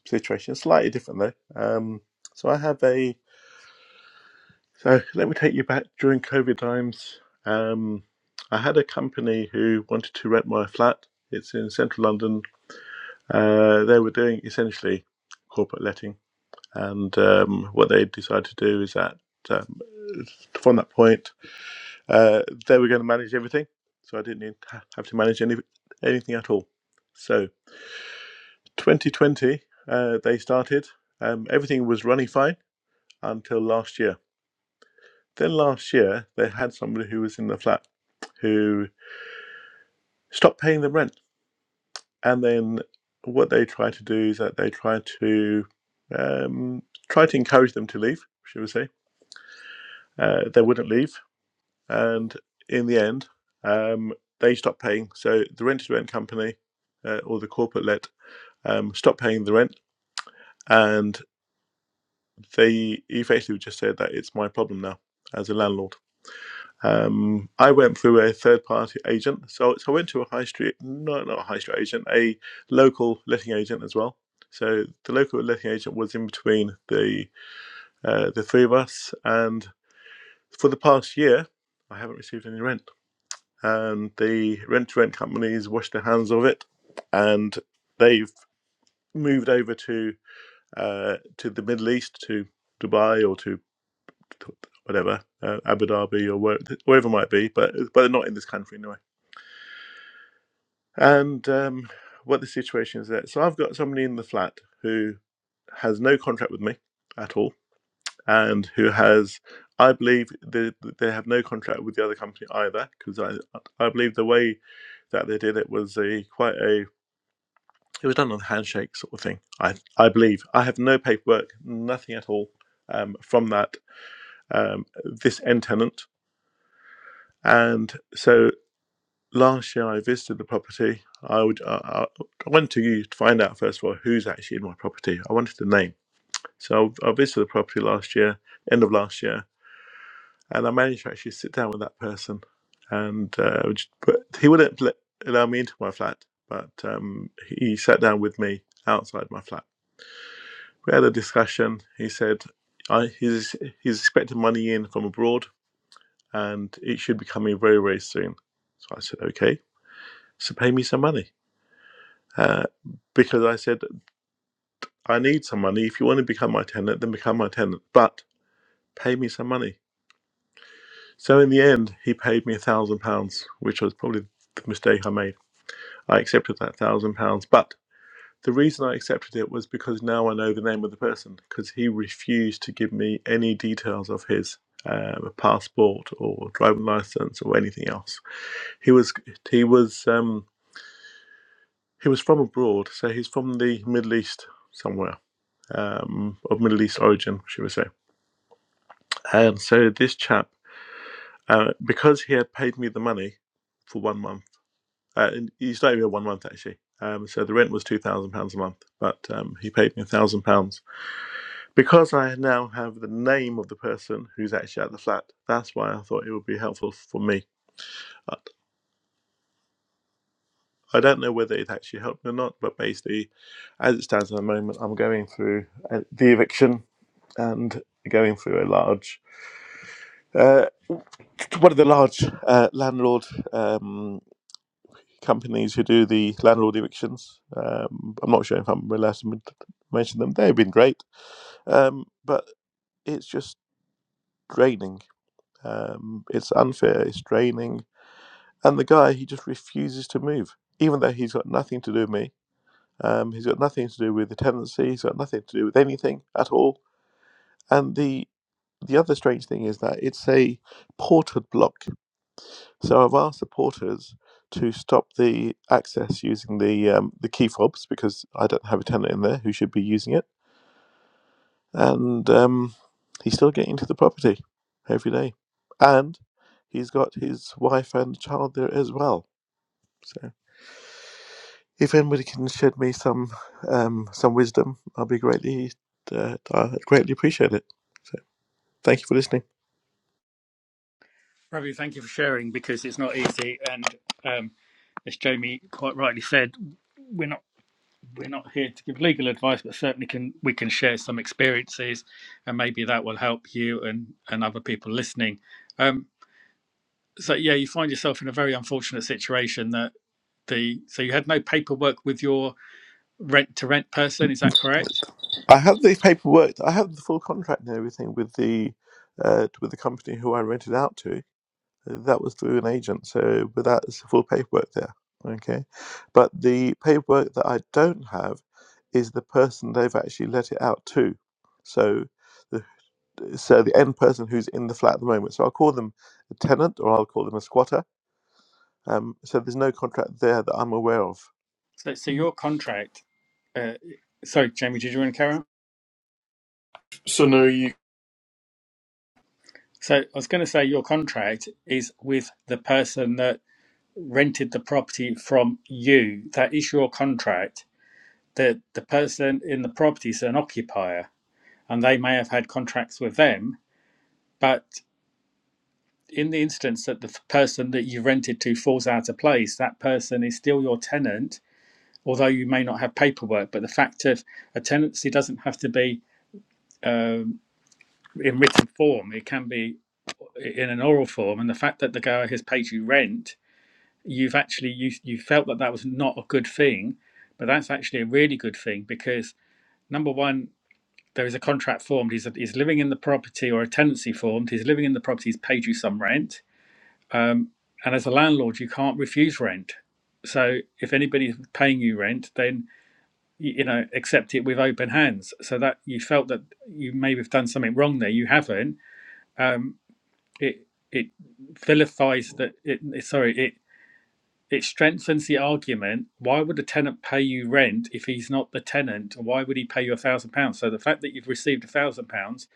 situation, slightly different though. Um, so I have a. So let me take you back during COVID times. Um, I had a company who wanted to rent my flat. It's in central London. Uh, they were doing essentially corporate letting, and um, what they decided to do is that um, from that point. Uh, they were going to manage everything, so I didn't need, have to manage any, anything at all. So 2020, uh, they started. Um, everything was running fine until last year. Then last year, they had somebody who was in the flat who stopped paying the rent. And then what they tried to do is that they tried to um, try to encourage them to leave, should we say. Uh, they wouldn't leave. and in the end, um, they stopped paying. So the rent-to-rent company uh, or the corporate let um, stopped paying the rent, and they effectively just said that it's my problem now as a landlord. Um, I went through a third-party agent, so so I went to a high street, no, not a high street agent, a local letting agent as well. So the local letting agent was in between the uh, the three of us, and for the past year, I haven't received any rent. and the rent to rent companies washed their hands of it, and they've moved over to uh, to the Middle East, to Dubai or to whatever uh, Abu Dhabi or where, wherever it might be, but but they're not in this country anyway. And um, what the situation is there? So I've got somebody in the flat who has no contract with me at all, and who has. I believe they, they have no contract with the other company either, because I, I believe the way that they did it was a quite a It was done on a handshake sort of thing. I I believe I have no paperwork, nothing at all um, from that um, this end tenant. And so last year I visited the property. I would I, I went to you to find out first of all who's actually in my property. I wanted the name. So I visited the property last year, end of last year, and I managed to actually sit down with that person. And uh, which- but he wouldn't let, allow me into my flat, but um, he sat down with me outside my flat We had a discussion. He said I, he's he's expecting money in from abroad, and it should be coming very very soon. So I said, okay. So pay me some money. Uh, because I said, I need some money. If you want to become my tenant, then become my tenant, but pay me some money. So in the end, he paid me a thousand pounds, which was probably the mistake I made. I accepted that thousand pounds, but The reason I accepted it was because now I know the name of the person because he refused to give me any details of his um, passport or driving license or anything else. He was he was um, he was from abroad, so he's from the Middle East somewhere um, of Middle East origin, should we say? And so this chap, uh, because he had paid me the money for one month, uh, and he's not even one month actually. Um, so the rent was two thousand pounds a month, but um, he paid me a thousand pounds because I now have the name of the person who's actually at the flat, that's why I thought it would be helpful for me. Uh, I don't know whether it actually helped or not, but basically, as it stands at the moment, I'm going through uh, the eviction and going through a large, uh, one of the large uh, landlord um, companies who do the landlord evictions. Um, I'm not sure if I'm allowed to mention them. They've been great, um, but it's just draining. Um, it's unfair. It's draining And the guy, he just refuses to move, even though he's got nothing to do with me. Um, he's got nothing to do with the tenancy. He's got nothing to do with anything at all. And the the other strange thing is that it's a ported block. So I've asked the porters to stop the access using the um, the key fobs because I don't have a tenant in there who should be using it. And um, he's still getting into the property every day, and he's got his wife and child there as well. So. If anybody can shed me some um, some wisdom, I'll be greatly uh, I greatly appreciate it. So thank you for listening. Ravi, thank you for sharing because it's not easy. And um, as Jamie quite rightly said, we're not we're not here to give legal advice, but certainly can we can share some experiences, and maybe that will help you and and other people listening. Um, so yeah, you find yourself in a very unfortunate situation that the so you had no paperwork with your rent to rent person. Is that correct? I have the paperwork. I have the full contract and everything with the uh, with the company who I rented out to. That was through an agent, so but that's the full paperwork there. Okay, but the paperwork that I don't have is the person they've actually let it out to. So the so the end person who's in the flat at the moment. So I'll call them a tenant, or I'll call them a squatter Um, so there's no contract there that I'm aware of. So, so your contract uh, sorry, Jamie, did you want to carry on? Sunil, So I was going to say your contract is with the person that rented the property from you. That is your contract. The the person in the property is an occupier, and they may have had contracts with them. But in the instance that the f- person that you rented to falls out of place, that person is still your tenant, although you may not have paperwork. But the fact of a tenancy doesn't have to be um, in written form; it can be in an oral form, and the fact that the guy has paid you rent, you've actually you you felt that that was not a good thing, but that's actually a really good thing because number one, there is a contract formed. He's he's living in the property or a tenancy formed. He's living in the property. He's paid you some rent, um, and as a landlord, you can't refuse rent. So if anybody's paying you rent, then you know accept it with open hands. So that you felt that you may have done something wrong there, you haven't. Um, it it vilifies that it it- sorry it it strengthens the argument why would a tenant pay you rent if he's not the tenant why would he pay you a thousand pounds so the fact that you've received a thousand pounds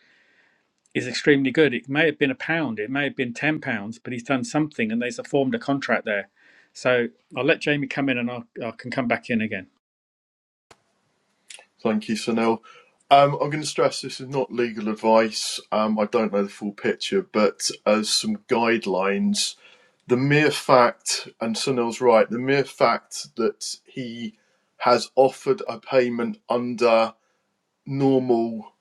is extremely good it may have been a pound it may have been ten pounds but he's done something and there's a formed a contract there so i'll let jamie come in and I'll, i can come back in again Thank you, Sunil. Um, I'm going to stress this is not legal advice. Um, I don't know the full picture, but as some guidelines, the mere fact, and Sunil's right, the mere fact that he has offered a payment under normal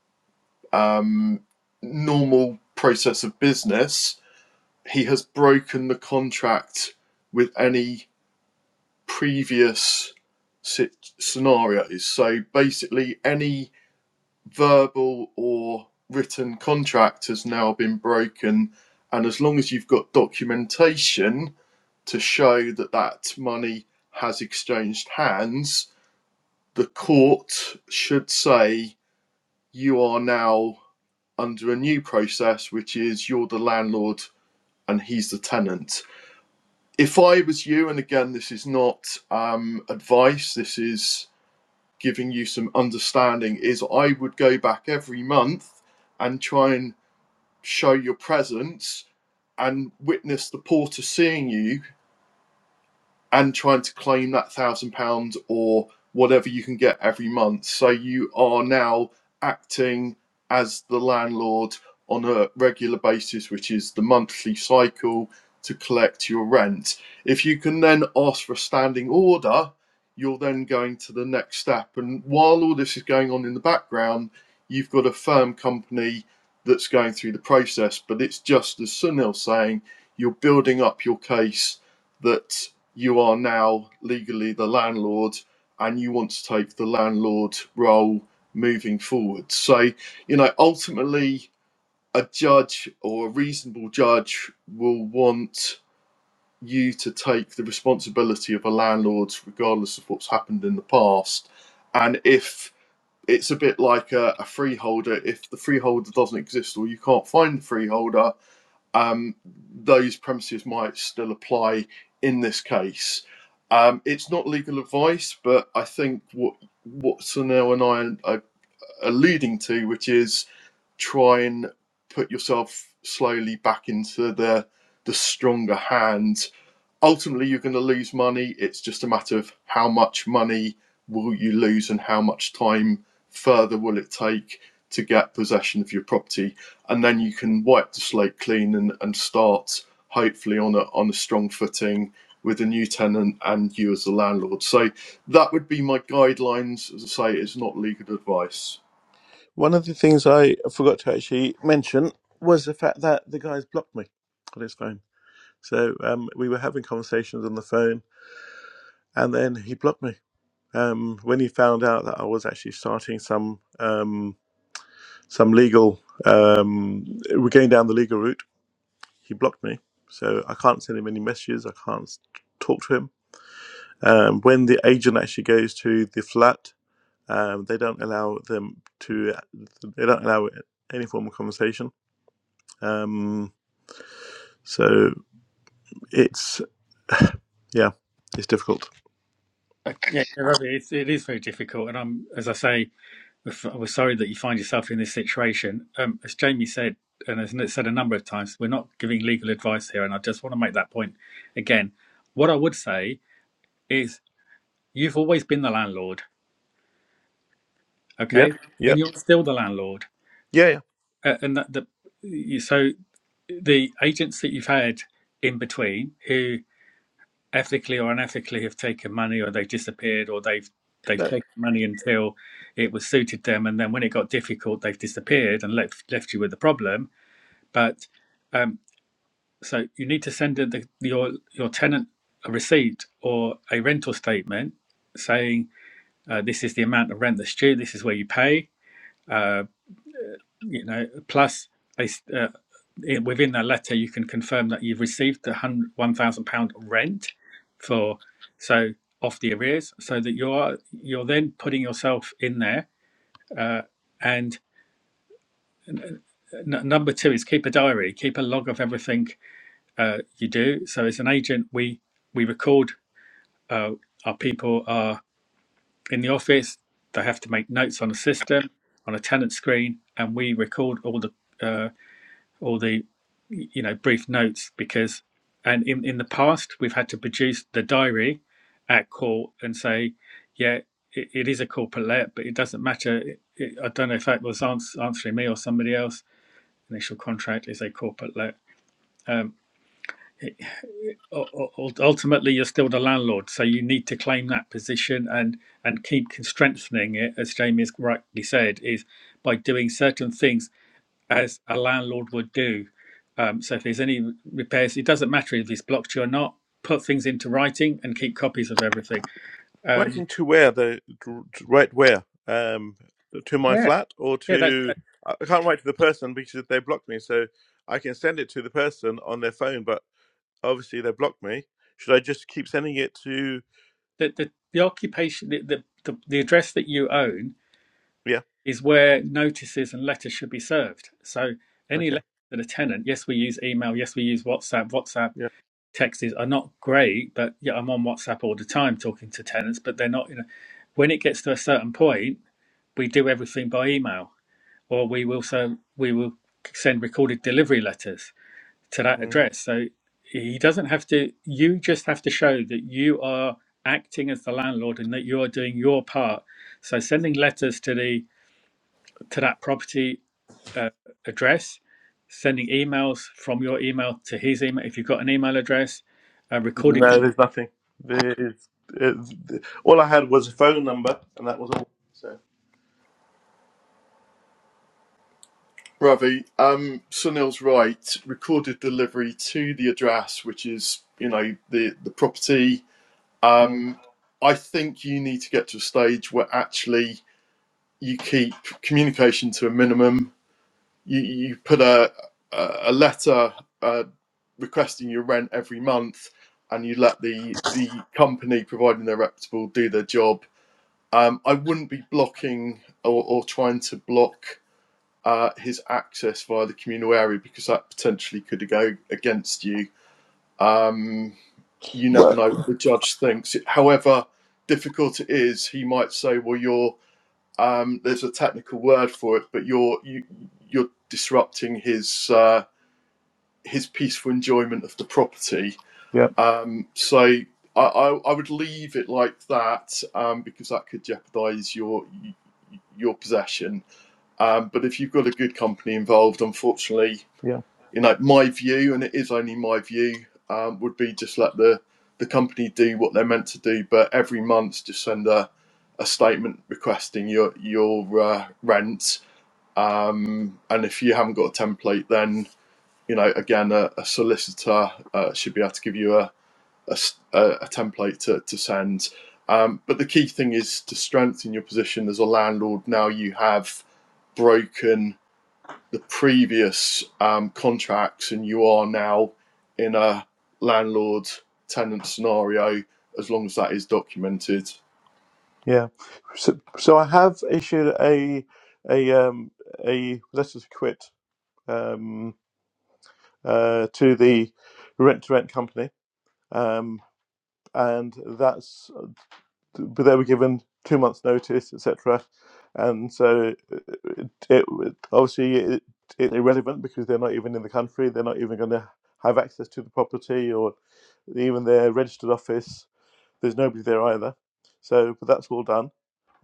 um, normal process of business, he has broken the contract with any previous sit- scenarios. So basically, any verbal or written contract has now been broken. And as long as you've got documentation to show that that money has exchanged hands, the court should say you are now under a new process, which is you're the landlord and he's the tenant. If I was you, and again, this is not um, advice, this is giving you some understanding, is I would go back every month and try and show your presence and witness the porter seeing you and trying to claim that thousand pounds or whatever you can get every month. So you are now acting as the landlord on a regular basis, which is the monthly cycle to collect your rent. If you can then ask for a standing order, you're then going to the next step. And while all this is going on in the background, you've got a firm company that's going through the process. But it's just as Sunil's saying, you're building up your case that you are now legally the landlord and you want to take the landlord role moving forward. So, you know, ultimately, a judge or a reasonable judge will want you to take the responsibility of a landlord, regardless of what's happened in the past. And if it's a bit like a, a freeholder, if the freeholder doesn't exist or you can't find the freeholder, um, those premises might still apply in this case. Um, it's not legal advice, but I think what what Sunil and I are, are alluding to, which is try and put yourself slowly back into the the stronger hand. Ultimately, you're going to lose money. It's just a matter of how much money will you lose and how much time further will it take to get possession of your property, and then you can wipe the slate clean and, and start hopefully on a on a strong footing with a new tenant and you as the landlord. So that would be my guidelines. As I say, it's not legal advice. One of the things I forgot to actually mention was the fact that the guy's blocked me on his phone. So um, we were having conversations on the phone, and then he blocked me um, when he found out that I was actually starting some um, some legal. Um, we're going down the legal route. He blocked me, so I can't send him any messages. I can't s- talk to him. Um, when the agent actually goes to the flat Um, they don't allow them to. They don't allow any form of conversation. Um, so it's yeah, it's difficult. Uh, yeah you're right, it's, it is very difficult and i'm as i say We're sorry that you find yourself in this situation. Um, as Jamie said, and as Nick said a number of times, we're not giving legal advice here, and I just want to make that point again. What I would say is, you've always been the landlord, Yep. okay, and Yep. you're still the landlord, Yeah. Yeah. uh, and that the so the agents that you've had in between who ethically or unethically have taken money or they've disappeared or they've they've No, taken money until it was suited them and then when it got difficult they've disappeared and left left you with the problem But um, so you need to send the, your your tenant a receipt or a rental statement saying uh, this is the amount of rent that's due. This is where you pay. Uh, you know, plus they, uh, within that letter you can confirm that you've received the one thousand pound rent for so off the arrears, so that you are you're then putting yourself in there. Uh, and n- number two is keep a diary, keep a log of everything uh, you do. So as an agent, we we record uh, our people are in the office. They have to make notes on a system, on a tenant screen, and we record all the uh, all the you know brief notes because. And in, in the past, we've had to produce the diary at court and say, yeah, it, it is a corporate let, but it doesn't matter. It, it, I don't know if that was ans- answering me or somebody else. Initial contract is a corporate let. Um, u- u- ultimately you're still the landlord so you need to claim that position and and keep con- strengthening it as Jamie's rightly said is by doing certain things as a landlord would do um, so if there's any repairs it doesn't matter if it's blocked you or not put things into writing and keep copies of everything um, writing to where the right where um, to my yeah flat or yeah that's to that, I can't write to the person because they blocked me. So I can send it to the person on their phone, but obviously they blocked me. Should I just keep sending it to? the, the the occupation the, the the the address that you own Yeah. is where notices and letters should be served. So any Okay. letter to the tenant, yes, we use email, yes, we use WhatsApp. WhatsApp Yeah. texts are not great, but yeah, I'm on WhatsApp all the time talking to tenants, but they're not. You know, when it gets to a certain point, we do everything by email, or we will so we will send recorded delivery letters to that Mm. address. So he doesn't have to. You just have to show that you are acting as the landlord and that you are doing your part. So sending letters to the to that property uh, address, sending emails from your email to his email if you've got an email address, uh, recorded. No, there's nothing. There's, it's, all I had was a phone number, and that was all. So, Ravi, um, Sunil's right. Recorded delivery to the address, which is you know the the property. mm. Um, I think you need to get to a stage where actually you keep communication to a minimum. You you put a a letter uh, requesting your rent every month, and you let the the company, providing they're reputable, do their job. Um, I wouldn't be blocking or, or trying to block uh, his access via the communal area because that potentially could go against you. Um, you never well, know what the judge thinks. However difficult it is, he might say, "Well, you're um, there's a technical word for it, but you're you, you're disrupting his uh, his peaceful enjoyment of the property." yeah, Um, so I, I, I would leave it like that um, because that could jeopardise your your possession. Um, but if you've got a good company involved, unfortunately, yeah, you know, my view, and it is only my view, um, would be just let the the company do what they're meant to do, but every month just send a, a statement requesting your your uh, rent. Um, and if you haven't got a template, then you know again a, a solicitor uh, should be able to give you a a a template to, to send. Um, but the key thing is to strengthen your position as a landlord. Now you have broken the previous um, contracts and you are now in a landlord tenant scenario as long as that is documented yeah. So, so I have issued a a um a letter to quit um uh to the rent to rent company um and that's but they were given two months' notice, et cetera, And so it, it, it- obviously it, it's irrelevant because they're not even in the country. They're not even going to have access to the property or even their registered office. There's nobody there either. So, but that's all done,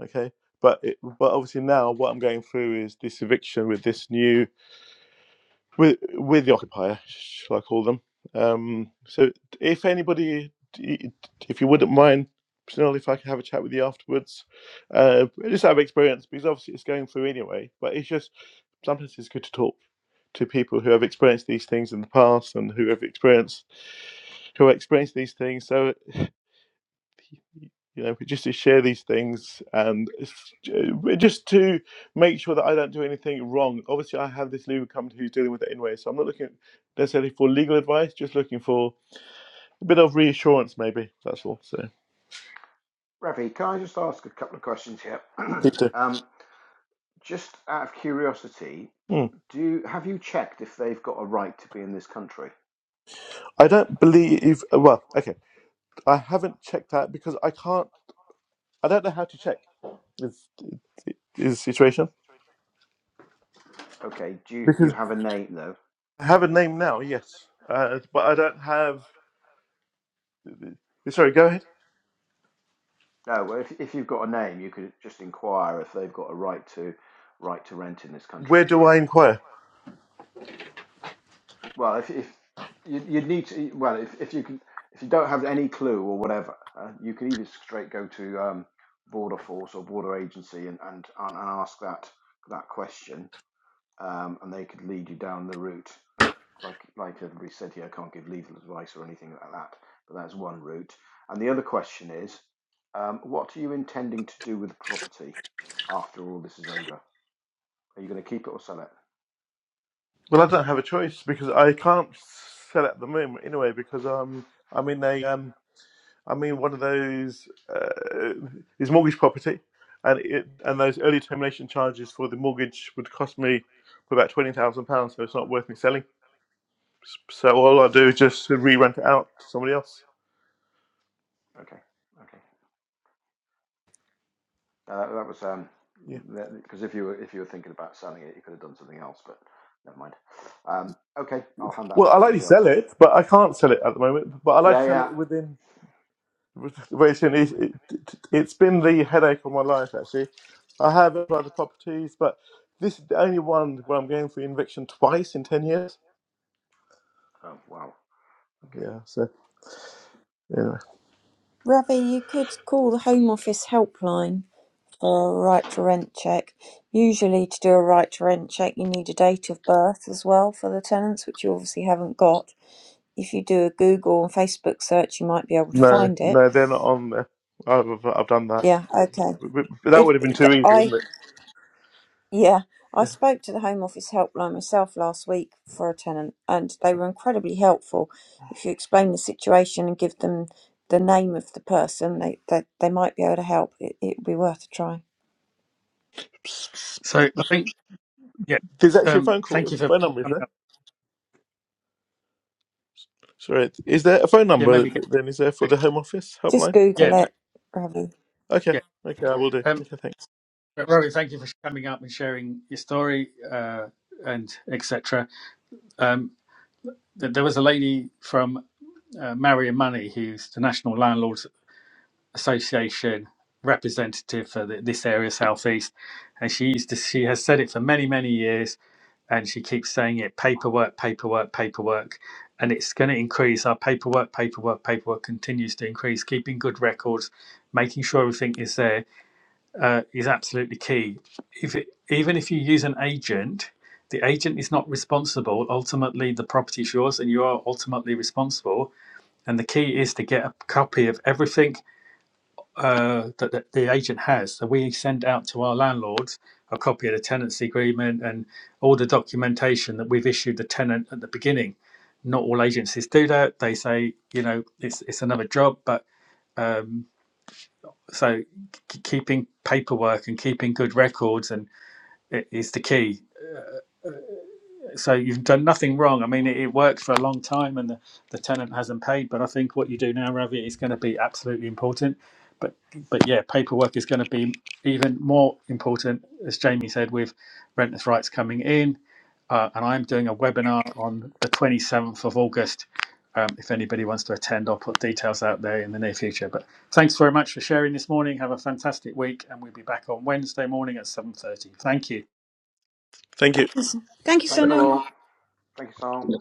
okay. But it, but obviously now what I'm going through is this eviction with this new with with the occupier, shall I call them? Um, so, if anybody, if you wouldn't mind, Snell, if I can have a chat with you afterwards, uh, just out of experience, because obviously it's going through anyway. But it's just sometimes it's good to talk to people who have experienced these things in the past and who have experienced who have experienced these things. So you know, just to share these things and s- j- just to make sure that I don't do anything wrong. Obviously, I have this legal company who's dealing with it anyway, so I'm not looking necessarily for legal advice, just looking for a bit of reassurance, maybe. That's all. So, Ravi, can I just ask a couple of questions here? Peter. um, just out of curiosity, Hmm. do you, have you checked if they've got a right to be in this country? I don't believe, uh, well, okay, I haven't checked that because I can't, I don't know how to check is, is the situation. Okay, do you, you Because have a name though? I have a name now, yes, uh, but I don't have, sorry, go ahead. No, well, if, if you've got a name, you could just inquire if they've got a right to right to rent in this Where country. do I inquire? Well, if if you, you'd need to, well, if, if you can, if you don't have any clue or whatever, uh, you can either straight go to um, Border Force or Border Agency and, and and ask that that question. um, and they could lead you down the route. But like like everybody said here, I can't give legal advice or anything like that. But that's one route. And the other question is, um, what are you intending to do with the property after all this is over? Are you going to keep it or sell it? Well, I don't have a choice because I can't sell at the moment anyway because um I'm in a um I'm in one of those uh, is mortgage property and it and those early termination charges for the mortgage would cost me about twenty thousand pounds so it's not worth me selling S- so all I do is just re-rent it out to somebody else Okay, okay. Uh, that was um, yeah because if you were if you were thinking about selling it, you could have done something else. But never mind. Um, okay, I'll hand that well I back to like to everybody else. sell it but I can't sell it at the moment but I like to Yeah, sell yeah. it within. Racing, it, it, it's been the headache of my life actually. I have other properties, but this is the only one where I'm going for eviction twice in ten years. Oh, wow. Okay. Yeah, so yeah, Ravi, you could call the Home Office helpline for a right to rent check. Usually, to do a right to rent check, you need a date of birth as well for the tenants, which you obviously haven't got. If you do a Google and Facebook search, you might be able to no, find it. no, they're not on there. I've I've I've done that. Yeah, okay. but- but that would If have been too th- easy, I wouldn't it? yeah, I Yeah. spoke to the Home Office helpline myself last week for a tenant, and they were incredibly helpful. If you explain the situation and give them the name of the person, they they, they might be able to help. It, it'd be worth a try. So I think yeah, There's actually a um, phone thank call, you for phone number, is coming there? up. Sorry, is there a phone Yeah, number maybe then? Is there for get the Home Office Just helpline? yeah Google it, Ravi. Okay, yeah. okay, I will do. Um, Okay, thanks. Rory, thank you for coming up and sharing your story uh, and etc. Um, th- there was a lady from uh, Marion Money who's the national landlords Association representative for th this area, Southeast, and she used to. She has said it for many, many years, and she keeps saying it: paperwork, paperwork, paperwork, and it's going to increase. Our paperwork, paperwork, paperwork continues to increase. Keeping good records, making sure everything is there, uh, is absolutely key. If it, even if you use an agent. The agent is not responsible. Ultimately, the property is yours, and you are ultimately responsible. And the key is to get a copy of everything uh, that that the agent has. So we send out to our landlords a copy of the tenancy agreement and all the documentation that we've issued the tenant at the beginning. Not all agencies do that. They say, you know, it's it's another job, but um, so k- keeping paperwork and keeping good records and i- is the key. so you've done nothing wrong. I mean, it, it worked for a long time, and the, the tenant hasn't paid. But I think what you do now, Ravi, is going to be absolutely important. But but yeah, paperwork is going to be even more important, as Jamie said, with renters' rights coming in. Uh, and I'm doing a webinar on the 27th of August. Um, if anybody wants to attend, I'll put details out there in the near future. But thanks very much for sharing this morning. Have a fantastic week, and we'll be back on Wednesday morning at 7:30. Thank you. Thank you. Thank you, Thank you Sonal. all. Thank you, Sal.